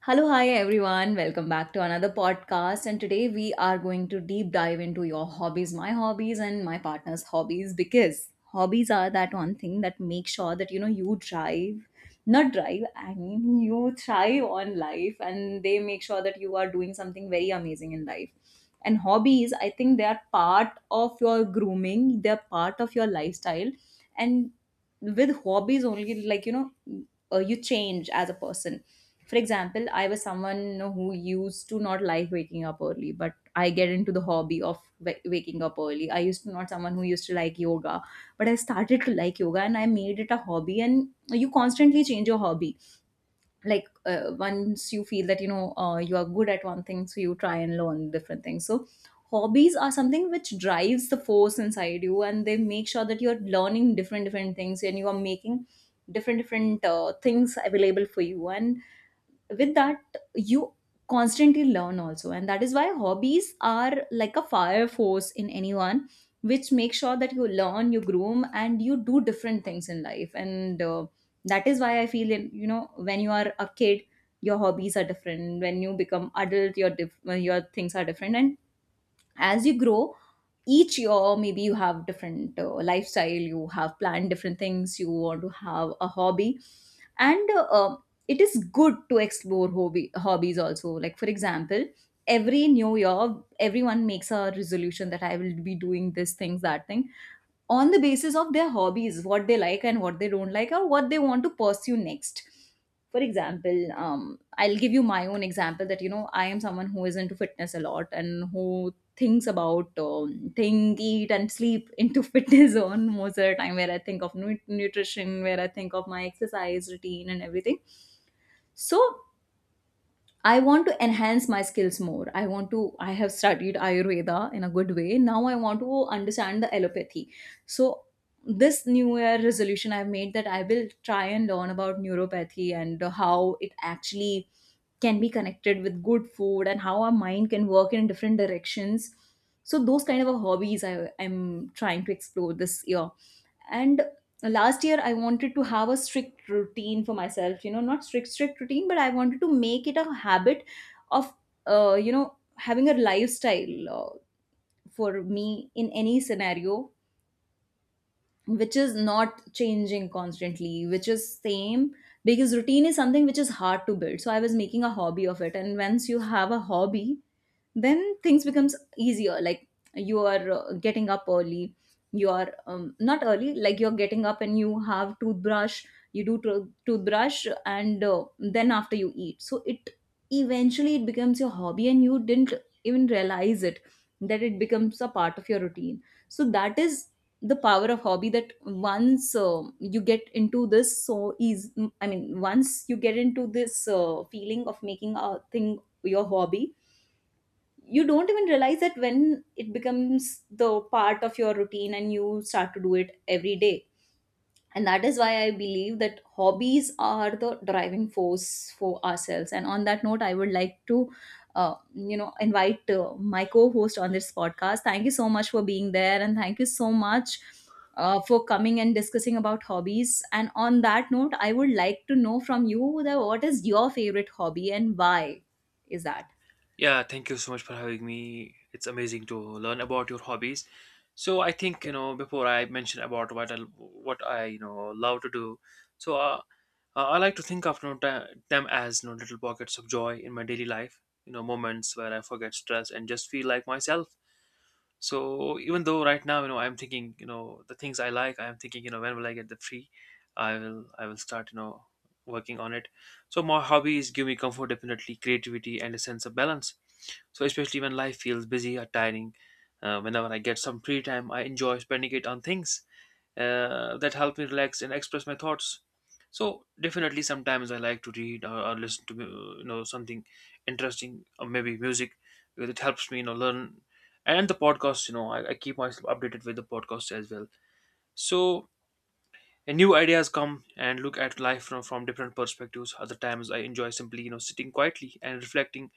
Hello, hi everyone. Welcome back to another podcast. And today we are going to deep dive into your hobbies, my hobbies, and my partner's hobbies because hobbies are that one thing that makes sure that you know you drive, not drive, I mean, you thrive on life, and they make sure that you are doing something very amazing in life. And hobbies, I think, they are part of your grooming, they're part of your lifestyle. And with hobbies, only like you know, you change as a person. For example, I was someone who used to not like waking up early, but I get into the hobby of waking up early. I used to not someone who used to like yoga, but I started to like yoga and I made it a hobby. And you constantly change your hobby. Once you feel that you are good at one thing, so you try and learn different things. So hobbies are something which drives the force inside you, and they make sure that you're learning different different things and you are making different different things available for you. And with that, you constantly learn also, and that is why hobbies are like a fire force in anyone, which makes sure that you learn, you groom, and you do different things in life. And That is why I feel in, you know when you are a kid, your hobbies are different. When you become adult, your your things are different. And as you grow each year, maybe you have different lifestyle, you have planned different things, you want to have a hobby. And It is good to explore hobby hobbies also. Like, for example, every new year everyone makes a resolution that I will be doing this thing, that thing, on the basis of their hobbies, what they like and what they don't like, or what they want to pursue next. For example, I'll give you my own example, that you know I am someone who is into fitness a lot and who thinks about, think, eat, and sleep into fitness on most of the time. Where I think of nutrition, where I think of my exercise routine and everything. So I want to enhance my skills more. I have studied Ayurveda in a good way. Now I want to understand the allopathy. So this new year resolution I've made, that I will try and learn about neuropathy and how it actually can be connected with good food and how our mind can work in different directions. So those kind of hobbies I'm trying to explore this year. And last year I wanted to have a strict routine for myself, you know, not strict strict routine, but I wanted to make it a habit of, you know, having a lifestyle for me in any scenario, which is not changing constantly, which is same. Because routine is something which is hard to build, so I was making a hobby of it. And once you have a hobby, then things becomes easier. Like, you are getting up early, you are, not early, like you're getting up and you have toothbrush, you do toothbrush, and then after you eat. So it eventually it becomes your hobby and you didn't even realize it, that it becomes a part of your routine. So that is the power of hobby, that once you get into this so easy, I mean once you get into this feeling of making a thing your hobby, you don't even realize that when it becomes the part of your routine and you start to do it every day. And that is why I believe that hobbies are the driving force for ourselves. And on that note, I would like to you know invite my co-host on this podcast. Thank you so much for being there, and thank you so much for coming and discussing about hobbies. And on that note, I would like to know from you that what is your favorite hobby and why is that. Yeah, thank you so much for having me. It's amazing to learn about your hobbies. So I think, you know, before I mention about what I love to do. So uh, I like to think of, you know, them as, you know, little pockets of joy in my daily life. You know, moments where I forget stress and just feel like myself. So even though right now, you know, I'm thinking, you know, the things I like, I'm thinking, you know, when will I get the free? I will start, you know, working on it. So my hobbies give me comfort, definitely creativity and a sense of balance. So especially when life feels busy or tiring, whenever I get some free time, I enjoy spending it on things that help me relax and express my thoughts. So definitely, sometimes I like to read or listen to you know, something interesting or maybe music because it helps me, you know, learn. And the podcast, you know, I keep myself updated with the podcast as well. So New ideas come and look at life from different perspectives. Other times I enjoy simply, you know, sitting quietly and reflecting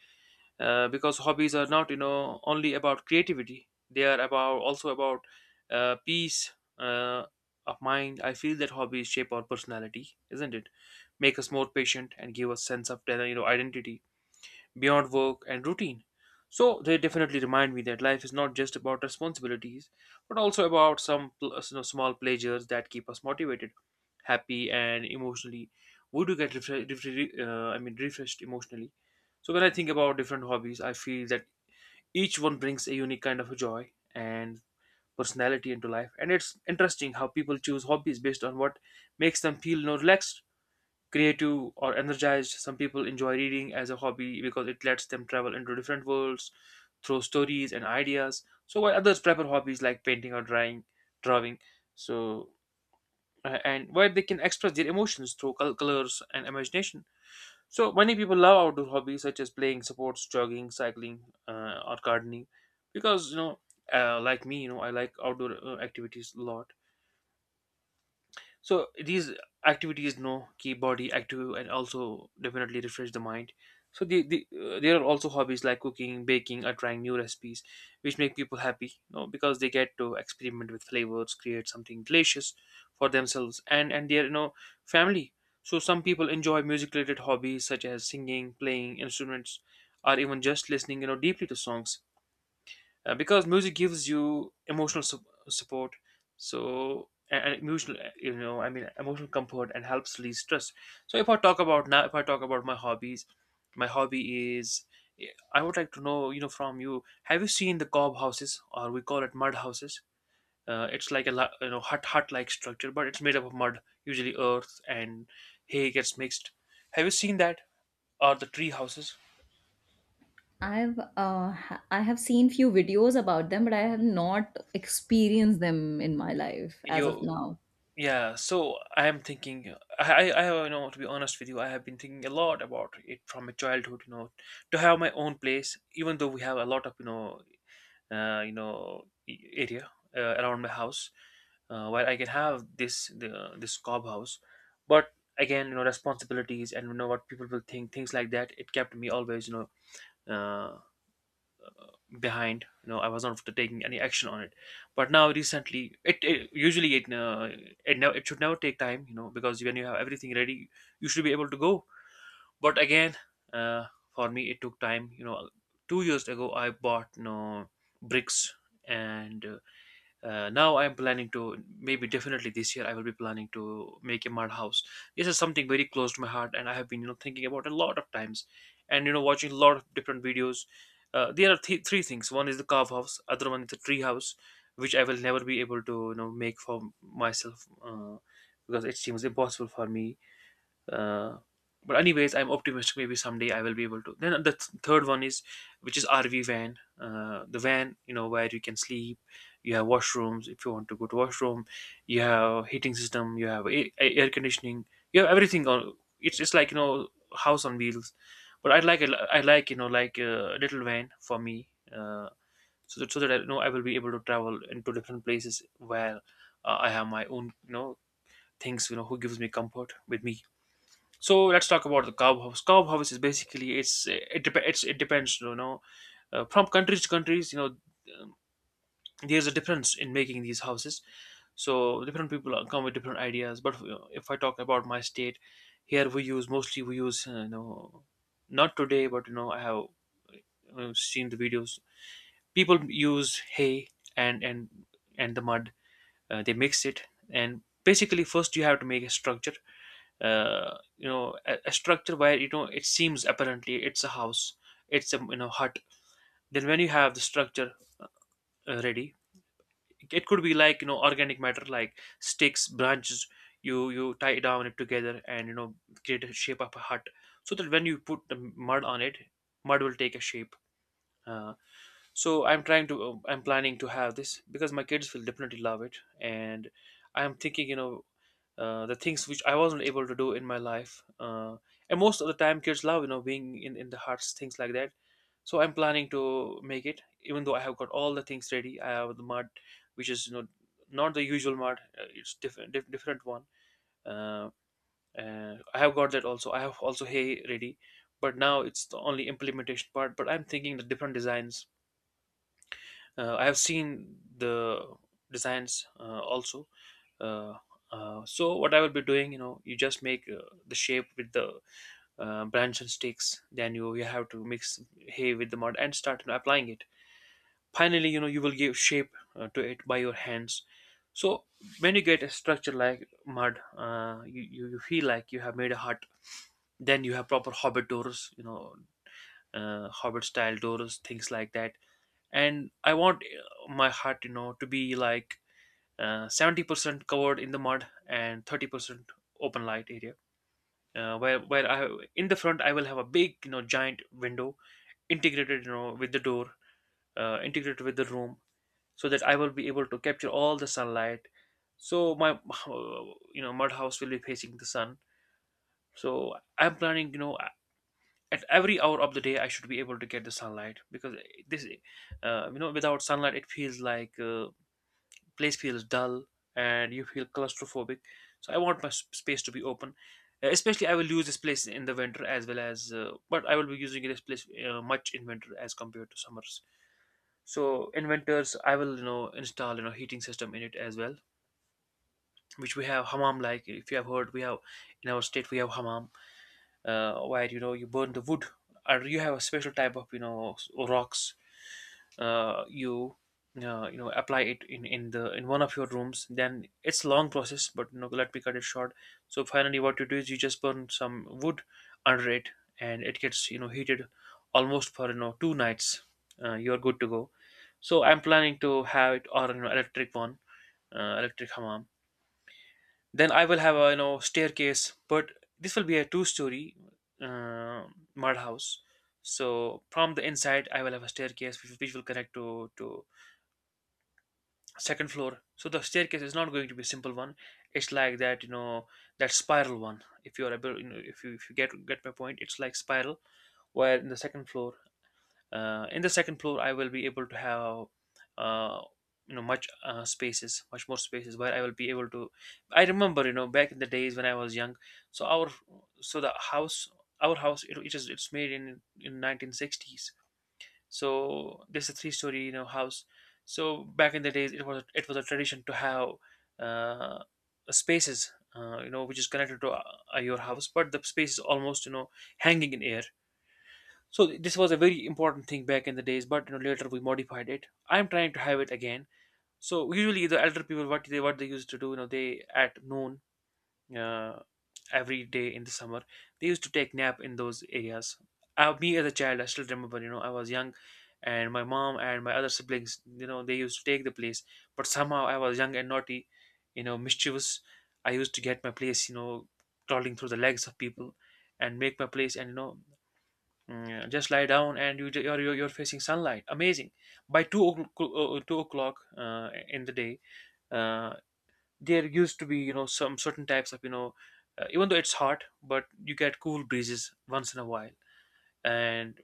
because hobbies are not, you know, only about creativity. They are about also about peace uh, of mind. I feel that hobbies shape our personality, isn't it? Make us more patient and give us sense of, you know, identity beyond work and routine. So they definitely remind me that life is not just about responsibilities, but also about you know, small pleasures that keep us motivated, happy, and emotionally. We do get refre- refre- I mean refreshed emotionally. So when I think about different hobbies, I feel that each one brings a unique kind of joy and personality into life, and it's interesting how people choose hobbies based on what makes them feel, you know, relaxed, creative or energized. Some people enjoy reading as a hobby because it lets them travel into different worlds through stories and ideas. So while others prefer hobbies like painting or drawing. So and where they can express their emotions through colors and imagination. So many people love outdoor hobbies such as playing sports, jogging, cycling, or gardening, because, you know, like me, you know, I like outdoor activities a lot. So these activities, you know, keep body active and also definitely refresh the mind. So there are also hobbies like cooking, baking or trying new recipes, which make people happy, you know, because they get to experiment with flavors, create something delicious for themselves and their, you know, family. So some people enjoy music related hobbies such as singing, playing instruments or even just listening, you know, deeply to songs because music gives you support. And emotional, you know, I mean emotional comfort, and helps relieve stress. So if I talk about now if I talk about my hobbies, my hobby is, I would like to know, you know, from you, have you seen the cob houses, or we call it mud houses? It's like a you know, hut like structure, but it's made up of mud, usually earth and hay gets mixed. Have you seen that, or the tree houses? I have seen few videos about them, but I have not experienced them in my life as You. of now. Yeah, so I am thinking. I, you know, to be honest with you, I have been thinking a lot about it from my childhood. You know, to have my own place, even though we have a lot of, you know, area around my house, where I can have this the, this cob house. But again, you know, responsibilities and, you know, what people will think, things like that. It kept me always, you know, behind. You know, I was not taking any action on it. But now recently it, it usually it it, never, it should never take time, you know, because when you have everything ready, you should be able to go. But again, uh, for me it took time, you know. 2 years ago I bought, you know, bricks, and now I'm planning to, maybe definitely this year I will be planning to, make a mud house. This is something very close to my heart, and I have been, you know, thinking about a lot of times, and, you know, watching a lot of different videos. There are three things. One is the carve house, other one is the tree house, which I will never be able to, you know, make for myself because it seems impossible for me. uh, but anyways, I'm optimistic. Maybe someday I will be able to. Then the third one is, which is RV van. The van, you know, where you can sleep. You have washrooms if you want to go to washroom. You have heating system. You have air conditioning. You have everything on. It's like, you know, house on wheels. But I like a, I like, you know, like a little van for me. So that I, you know, I will be able to travel into different places where I have my own, you know, things, you know, who gives me comfort with me. So let's talk about the cow house. Cow house is basically, it's, it depends, you know, from countries to countries, you know. um, there's a difference in making these houses. So different people come with different ideas. But, you know, if I talk about my state, here we use, mostly we use, you know, not today, but you know I have seen the videos. People use hay and and the mud. They mix it, and basically first you have to make a structure. You know, a structure where, you know, it seems apparently it's a house, it's a, you know, hut. Then when you have the structure ready, it could be like, you know, organic matter like sticks, branches. You tie down it together, and you know, create a shape of a hut, so that when you put the mud on it, mud will take a shape. uh, so I'm trying to, I'm planning to have this because my kids will definitely love it. And I'm thinking, you know, the things which I wasn't able to do in my life. And most of the time, kids love, you know, being in the hearts, things like that. So I'm planning to make it, even though I have got all the things ready. I have the mud, which is, you know, not the usual mud. It's different, different one. Uh, I have got that also. I have also hay ready, but now it's the only implementation part. But I'm thinking the different designs. I have seen the designs also. uh, so what I will be doing, you know, you just make the shape with the branch and sticks, then you have to mix hay with the mud and start, you know, applying it. Finally, you know, you will give shape to it by your hands. So when you get a structure like mud, you, you feel like you have made a hut. Then you have proper hobbit doors, you know, hobbit style doors, things like that. And I want, my hut, you know, to be like 70% covered in the mud and 30% open light area, where I, in the front, I will have a big, you know, giant window, integrated, you know, with the door, integrated with the room, so that I will be able to capture all the sunlight. So my uh, you know, mud house will be facing the sun. So I'm planning, you know, at every hour of the day I should be able to get the sunlight, because this, you know, without sunlight it feels like place feels dull and you feel claustrophobic. So I want my space to be open. Especially I will use this place in the winter as well as, but I will be using this place much in winter as compared to summers. So in winters I will, you know, install, you know, heating system in it as well, which we have hammam, like, if you have heard, we have in our state we have hammam, where, you know, you burn the wood, or you have a special type of, you know, rocks. Uh, you you know, apply it in the in one of your rooms. Then it's long process, but let me cut it short. So finally, what you do is you just burn some wood under it, and it gets heated almost for two nights. You are good to go. So I'm planning to have it or an electric one, electric hammam. Then I will have a staircase, but this will be a two-story uh, mud house. So from the inside, I will have a staircase which will connect to second floor. So the staircase is not going to be a simple one. It's like that spiral one. If you are able, you know, if you get my point, it's like spiral. Where in the second floor in the second floor I will be able to have uh, much spaces much more spaces where I will be able to. I remember back in the days when I was young. So our so the house our house it's made in 1960s. So this is a three story house. So back in the days it was a tradition to have uh, spaces which is connected to your house, but the space is almost hanging in air. So this was a very important thing back in the days, but you know later we modified it. I'm trying to have it again. So usually the elder people, what they used to do, you know, they at noon, uh, every day in the summer, they used to take nap in those areas. Me as a child, I still remember, you know, I was young, and my mom and my other siblings, you know, they used to take the place. But somehow I was young and naughty, you know, mischievous. I used to get my place, you know, crawling through the legs of people and make my place and mm, yeah, just lie down and you're facing sunlight, amazing. By 2 o'clock, 2 o'clock in the day, uh, there used to be some certain types of even though it's hot, but you get cool breezes once in a while. And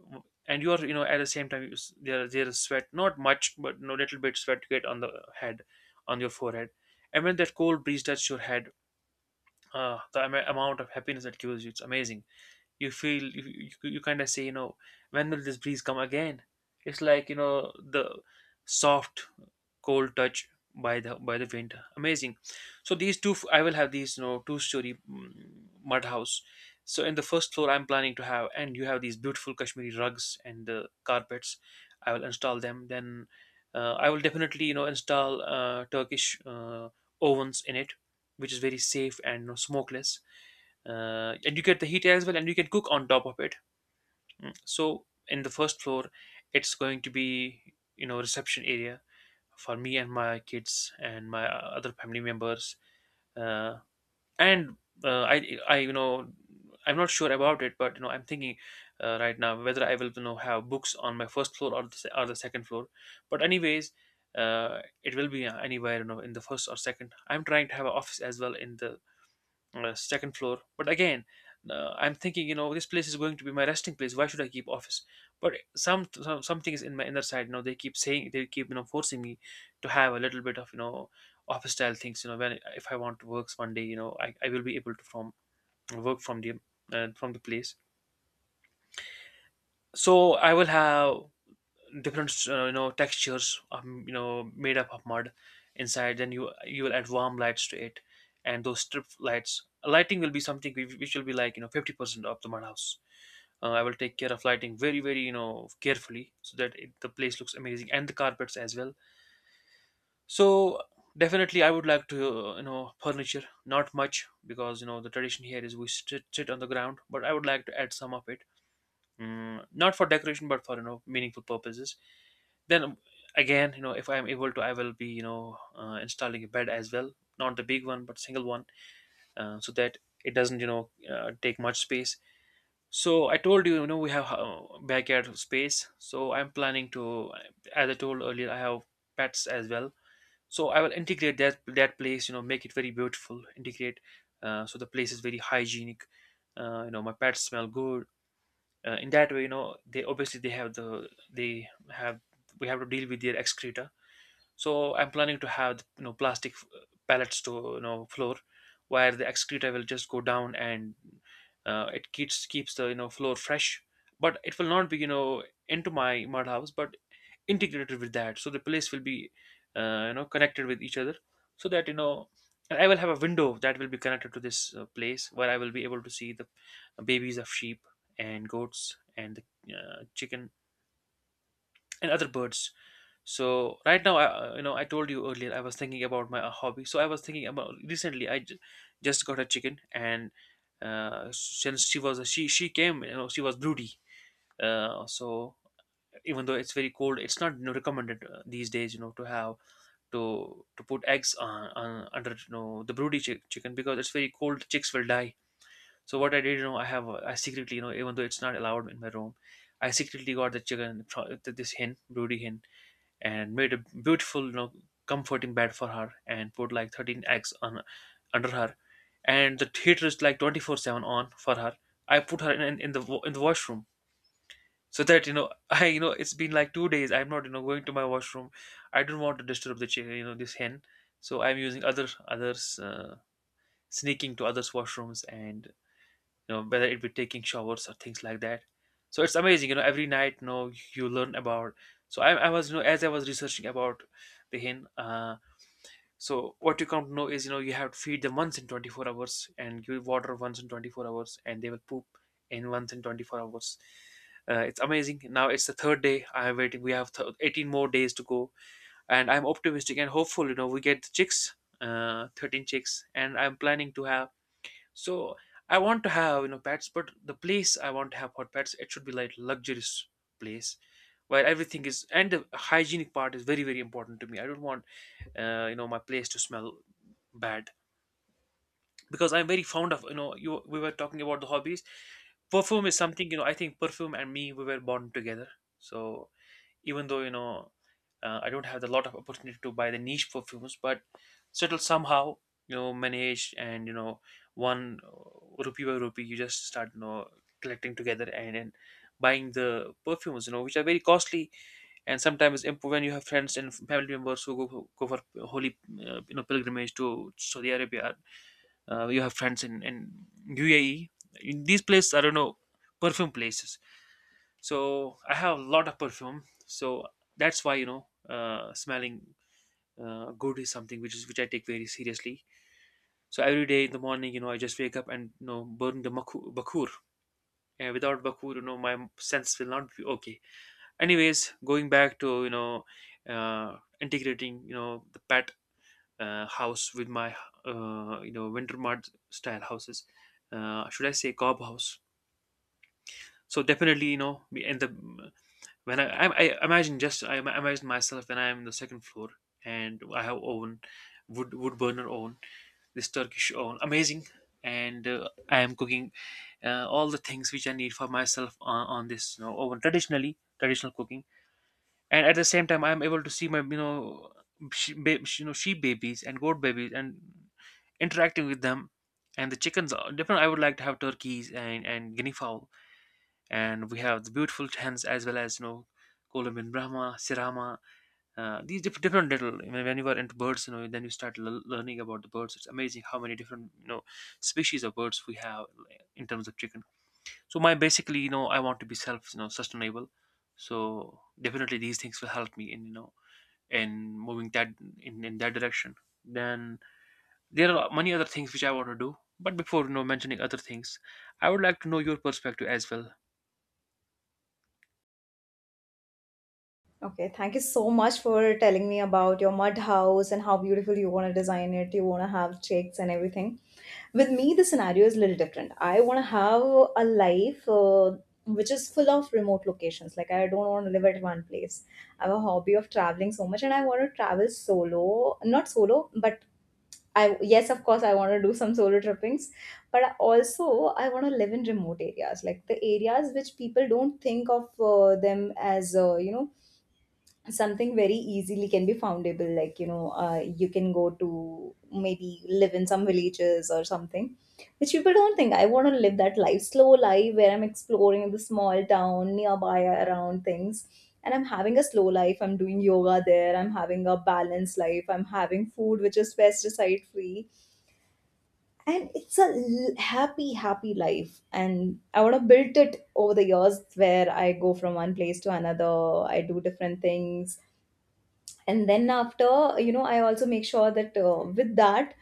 you're at the same time there is sweat, not much, but no little bit sweat you get on the head, on your forehead. And when that cold breeze touches your head, the amount of happiness that gives you, it's amazing. You feel you kind of say, you know, when will this breeze come again? It's like the soft, cold touch by the wind, amazing. So these two, I will have these two-story mud house. So in the first floor, I'm planning to have, and you have these beautiful Kashmiri rugs and the carpets, I will install them. Then I will definitely install Turkish ovens in it, which is very safe and, you know, smokeless. And you get the heat as well, and you can cook on top of it. So in the first floor, it's going to be reception area for me and my kids and my other family members, uh, and I I'm not sure about it, but you know, I'm thinking right now whether I will have books on my first floor or or the second floor. But anyways, it will be anywhere, you know, in the first or second. I'm trying to have an office as well in the second floor. But again, I'm thinking, you know, this place is going to be my resting place. Why should I keep office? But something is in my inner side, you know, they keep saying, they keep forcing me to have a little bit of office style things. You know, when if I want to work one day, you know, I will be able to from work from the place. So I will have different you know textures, you know, made up of mud inside. Then you will add warm lights to it, and those strip lights lighting will be something which will be like you know 50% of the mud house. I will take care of lighting very very, you know, carefully so that the place looks amazing, and the carpets as well. So definitely I would like to, you know, furniture, not much, because you know the tradition here is we sit on the ground, but I would like to add some of it. Mm, not for decoration, but for you know meaningful purposes. Then again, you know, if I'm able to, I will be, you know, installing a bed as well, not the big one, but single one, so that it doesn't, you know, take much space. So I told you, you know, we have backyard space, so I'm planning to, as I told earlier, I have pets as well. So I will integrate that place, you know, make it very beautiful, integrate so the place is very hygienic, you know, my pets smell good, in that way. You know, they obviously they have we have to deal with their excreta. So I'm planning to have you know plastic pallets to, you know, floor, where the excreta will just go down, and it keeps the, you know, floor fresh. But it will not be, you know, into my mud house, but integrated with that. So the place will be, you know, connected with each other, so that you know. And I will have a window that will be connected to this place where I will be able to see the babies of sheep and goats and the chicken and other birds. So right now, you know, I told you earlier I was thinking about my hobby. So I was thinking about recently. Just got a chicken, and since she was she came, you know, she was broody. So even though it's very cold, it's not, you know, recommended these days, you know, to have to put eggs on under, you know, the broody chicken, because it's very cold. Chicks will die. So what I did, you know, I secretly, you know, even though it's not allowed in my room, I secretly got the chicken, this hen, broody hen, and made a beautiful, you know, comforting bed for her and put like 13 eggs on under her. And the theater is like 24/7 on for her. I put her in the washroom so that you know I you know it's been like two days. I'm not, you know, going to my washroom. I don't want to disturb you know this hen, so I'm using others, sneaking to others washrooms and you know whether it be taking showers or things like that. So it's amazing, you know, every night you know you learn about. So I was, you know, as I was researching about the hen, so what you come to know is, you know, you have to feed them once in 24 hours and give water once in 24 hours, and they will poop in once in 24 hours. It's amazing. Now it's the third day I'm waiting. We have 18 more days to go, and I'm optimistic and hopeful, you know, we get the chicks, 13 chicks, and I'm planning to have. So I want to have, you know, pets, but the place I want to have for pets, it should be like luxurious place where everything is, and the hygienic part is very very important to me. I don't want, you know, my place to smell bad, because I'm very fond of, you know, you we were talking about the hobbies. Perfume is something, you know, I think perfume and me, we were born together. So even though, you know, I don't have a lot of opportunity to buy the niche perfumes, but still somehow, you know, manage and, you know, one rupee by rupee, you just start, you know, collecting together and buying the perfumes, you know, which are very costly. And sometimes when you have friends and family members who go for holy you know pilgrimage to Saudi Arabia, you have friends in UAE, in these places, I don't know, perfume places. So I have a lot of perfume. So that's why, you know, smelling good is something which is which I take very seriously. So every day in the morning, you know, I just wake up and, you know, burn the bakur, and without bakur, you know, my sense will not be okay. Anyways, going back to, you know, integrating, you know, the pet house with my you know winter mud style houses, should I say cob house. So definitely, you know, in the, when I imagine, just I imagine myself when I'm on the second floor and I have oven, wood burner oven, this Turkish oven, amazing, and I am cooking all the things which I need for myself on this you know oven, traditional cooking, and at the same time I am able to see my, you know, you know, sheep babies and goat babies and interacting with them, and the chickens are different. I would like to have turkeys and guinea fowl, and we have the beautiful tens as well as, you know, Kolam in Brahma, Sirama, these different little. I mean, when you are into birds, you know, then you start learning about the birds. It's amazing how many different, you know, species of birds we have, like, in terms of chicken. So my basically, you know, I want to be self, you know, sustainable. So definitely these things will help me in, you know, in moving that, in that direction. Then there are many other things which I want to do. But before, you know, mentioning other things, I would like to know your perspective as well. Okay, thank you so much for telling me about your mud house and how beautiful you want to design it. You want to have chicks and everything. With me, the scenario is a little different. I want to have a life which is full of remote locations. Like, I don't want to live at one place. I have a hobby of traveling so much, and I want to travel solo. Not solo, but I, yes, of course, I want to do some solo trippings, but I also I want to live in remote areas, like the areas which people don't think of them as, something very easily can be foundable, like you know, you can go to maybe live in some villages or something which people don't think. I want to live that life, slow life, where I'm exploring the small town nearby around things, and I'm having a slow life, I'm doing yoga there, I'm having a balanced life, I'm having food which is pesticide free, and it's a happy happy life. And I want to build it over the years, where I go from one place to another, I do different things. And then after, you know, I also make sure that, with that,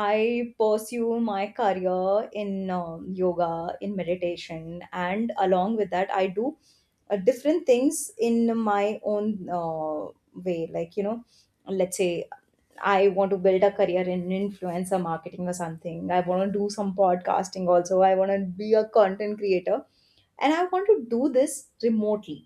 I pursue my career in, yoga, in meditation, and along with that I do different things in my own way. Like, you know, let's say I want to build a career in influencer marketing or something, I want to do some podcasting also, I want to be a content creator, and I want to do this remotely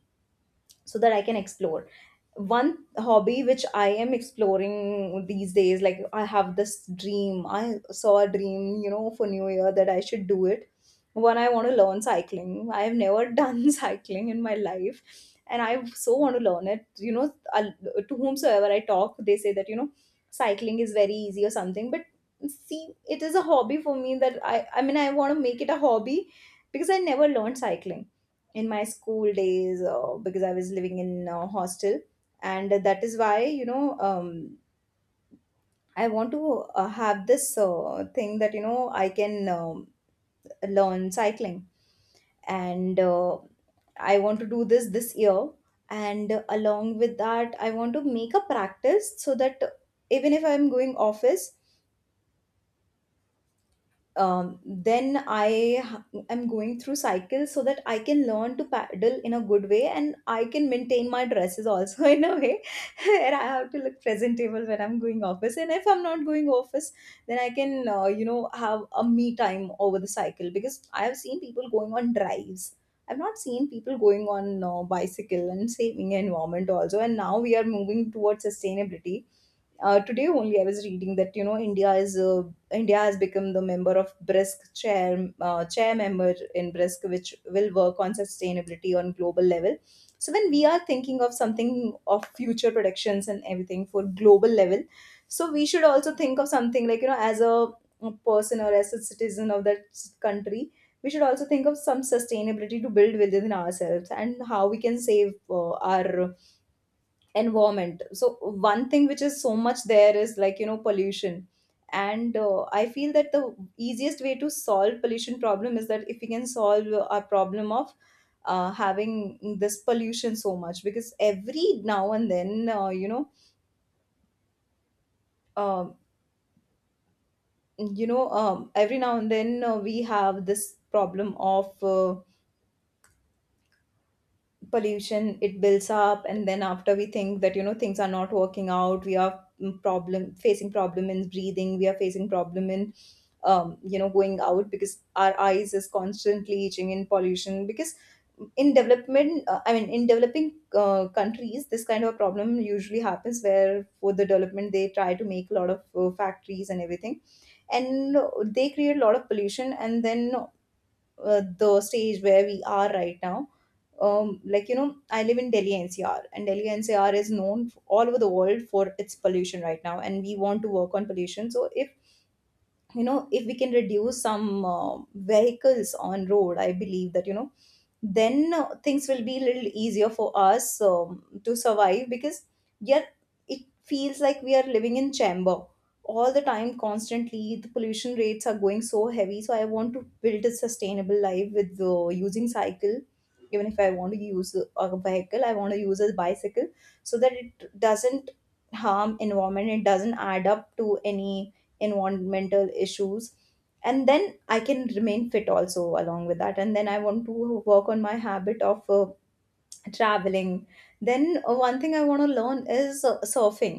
so that I can explore. One hobby which I am exploring these days, like I have this dream. I saw a dream, you know, for New Year that I should do it. One, I want to learn cycling. I have never done cycling in my life, and I so want to learn it. You know, I- to whomsoever I talk, they say that, you know, cycling is very easy or something. But see, it is a hobby for me that I mean, I want to make it a hobby because I never learned cycling in my school days because I was living in a hostel. And that is why, you know, I want to have this thing that, you know, I can, learn cycling. And I want to do this this year. And along with that, I want to make a practice so that even if I'm going office, then I am going through cycles so that I can learn to paddle in a good way, and I can maintain my dresses also in a way where I have to look presentable when I'm going office. And if I'm not going office, then I can, you know, have a me time over the cycle, because I have seen people going on drives. I've not seen people going on bicycle and saving environment also. And now we are moving towards sustainability. Today only I was reading that, you know, India has become the member of BRISC chair, chair member in BRISC, which will work on sustainability on global level. So when we are thinking of something of future predictions and everything for global level, so we should also think of something like, you know, as a person or as a citizen of that country. We should also think of some sustainability to build within ourselves and how we can save our environment. So one thing which is so much there is, like, you know, pollution. And I feel that the easiest way to solve pollution problem is that if we can solve our problem of having this pollution so much, because every now and then um, every now and then we have this problem of pollution. It builds up and then after we think that you know things are not working out, we are problem facing problem in breathing, we are facing problem in you know going out because our eyes is constantly itching in pollution, because in development I mean in developing countries this kind of a problem usually happens, where for the development they try to make a lot of factories and everything, and they create a lot of pollution. And then the stage where we are right now, like you know, I live in Delhi NCR, and Delhi NCR is known all over the world for its pollution right now, and we want to work on pollution. So if you know, if we can reduce some vehicles on road, I believe that you know, then things will be a little easier for us to survive, because yeah, it feels like we are living in chamber all the time. Constantly the pollution rates are going so heavy, so I want to build a sustainable life with using cycle. Even if I want to use a vehicle, I want to use a bicycle, so that it doesn't harm environment, it doesn't add up to any environmental issues, and then I can remain fit also along with that. And then I want to work on my habit of traveling. Then one thing I want to learn is surfing.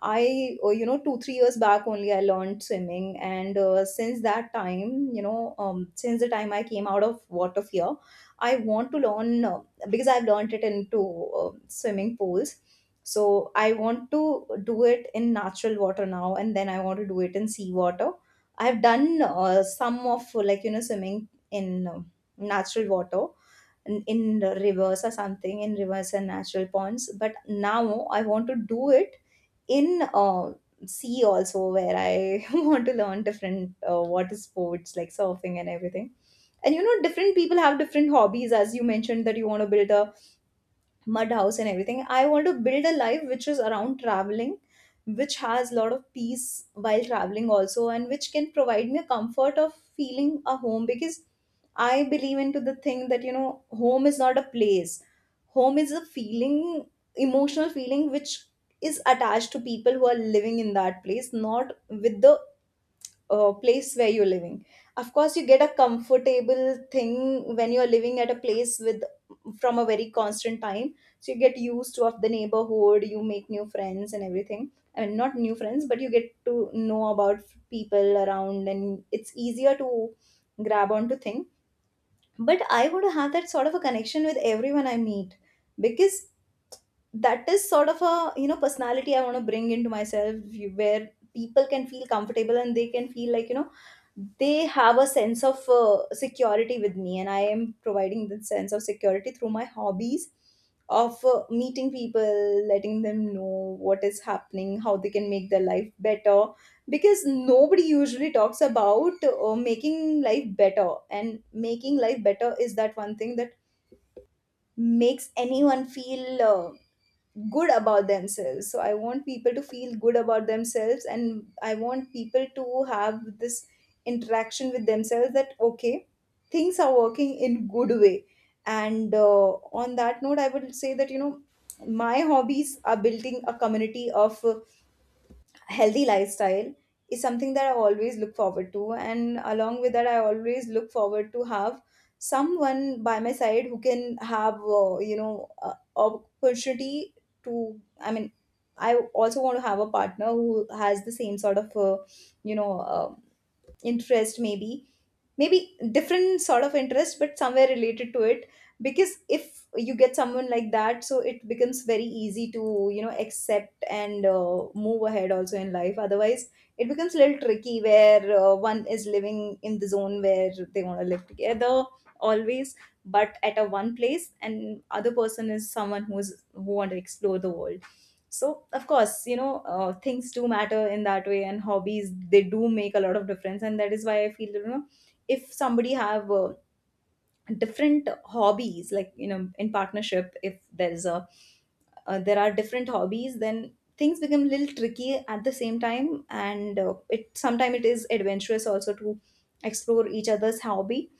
I you know, 2-3 years back only I learned swimming, and since that time, you know, since the time I came out of water fear, I want to learn because I've learned it into uh, swimming pools. So I want to do it in natural water now, and then I want to do it in sea water. I've done some of, like you know, swimming in um natural water, in reverse or something, in reverse and natural ponds, but now I want to do it in sea also, where I want to learn different water sports like surfing and everything. And you know, different people have different hobbies. As you mentioned that you want to build a mud house and everything, I want to build a life which is around traveling, which has a lot of peace while traveling also, and which can provide me a comfort of feeling a home, because I believe into the thing that you know, home is not a place, home is a feeling, emotional feeling which is attached to people who are living in that place, not with the place where you're living. Of course you get a comfortable thing when you're living at a place with, from a very constant time, so you get used to of the neighborhood, you make new friends and everything. I mean, not new friends, but you get to know about people around, and it's easier to grab onto things. But I want to have that sort of a connection with everyone I meet, because that is sort of a you know personality I want to bring into myself, where people can feel comfortable and they can feel like you know, they have a sense of security with me, and I am providing that sense of security through my hobbies of meeting people, letting them know what is happening, how they can make their life better. Because nobody usually talks about making life better, and making life better is that one thing that makes anyone feel good about themselves. So I want people to feel good about themselves, and I want people to have this interaction with themselves that okay, things are working in good way. And on that note, I would say that you know, my hobbies are building a community of healthy lifestyle is something that I always look forward to. And along with that, I always look forward to have someone by my side who can have, opportunity to, I mean, I also want to have a partner who has the same sort of, you know, uh, interest, maybe maybe different sort of interest but somewhere related to it, because if you get someone like that, so it becomes very easy to you know accept and move ahead also in life. Otherwise it becomes a little tricky, where one is living in the zone where they want to live together always, but at a one place, and other person is someone who want to explore the world. So of course you know, things do matter in that way, and hobbies they do make a lot of difference, and that is why I feel you know, if somebody have different hobbies, like you know, in partnership, if there is a there are different hobbies, then things become a little tricky at the same time. And it sometimes it is adventurous also to explore each other's hobby,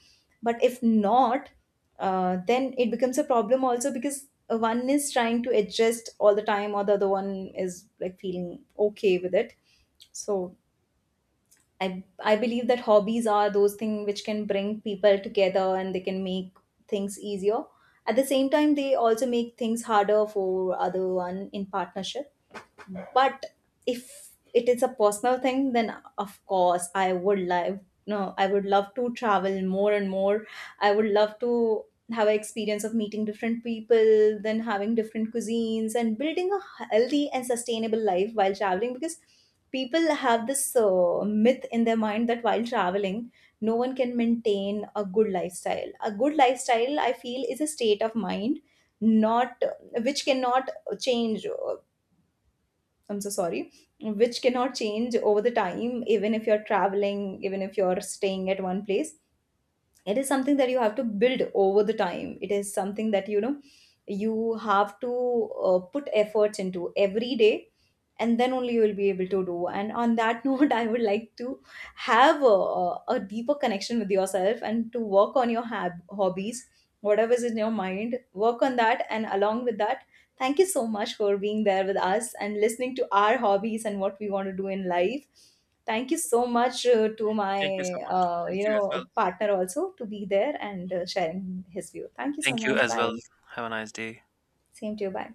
but if not, then it becomes a problem also, because one is trying to adjust all the time, or the other one is like feeling okay with it. So I I believe that hobbies are those things which can bring people together and they can make things easier. At the same time, they also make things harder for other one in partnership. But if it is a personal thing, then of course I would love, no I would love to travel more and more. I would love to have an experience of meeting different people, then having different cuisines, and building a healthy and sustainable life while traveling. Because people have this myth in their mind that while traveling no one can maintain a good lifestyle. A good lifestyle, I feel, is a state of mind, not which cannot change. I'm so sorry, which cannot change over the time, even if you're traveling, even if you're staying at one place. It is something that you have to build over the time. It is something that you know, you have to put efforts into every day, and then only you will be able to do. And on that note, I would like to have a deeper connection with yourself, and to work on your hobbies, whatever is in your mind, work on that. And along with that, thank you so much for being there with us and listening to our hobbies and what we want to do in life. Thank you so much to my Thank you so much. Thank you you as well. know partner also to be there and sharing his view. Thank you so Thank you much. as well. Bye. Have a nice day. Same to you. Bye.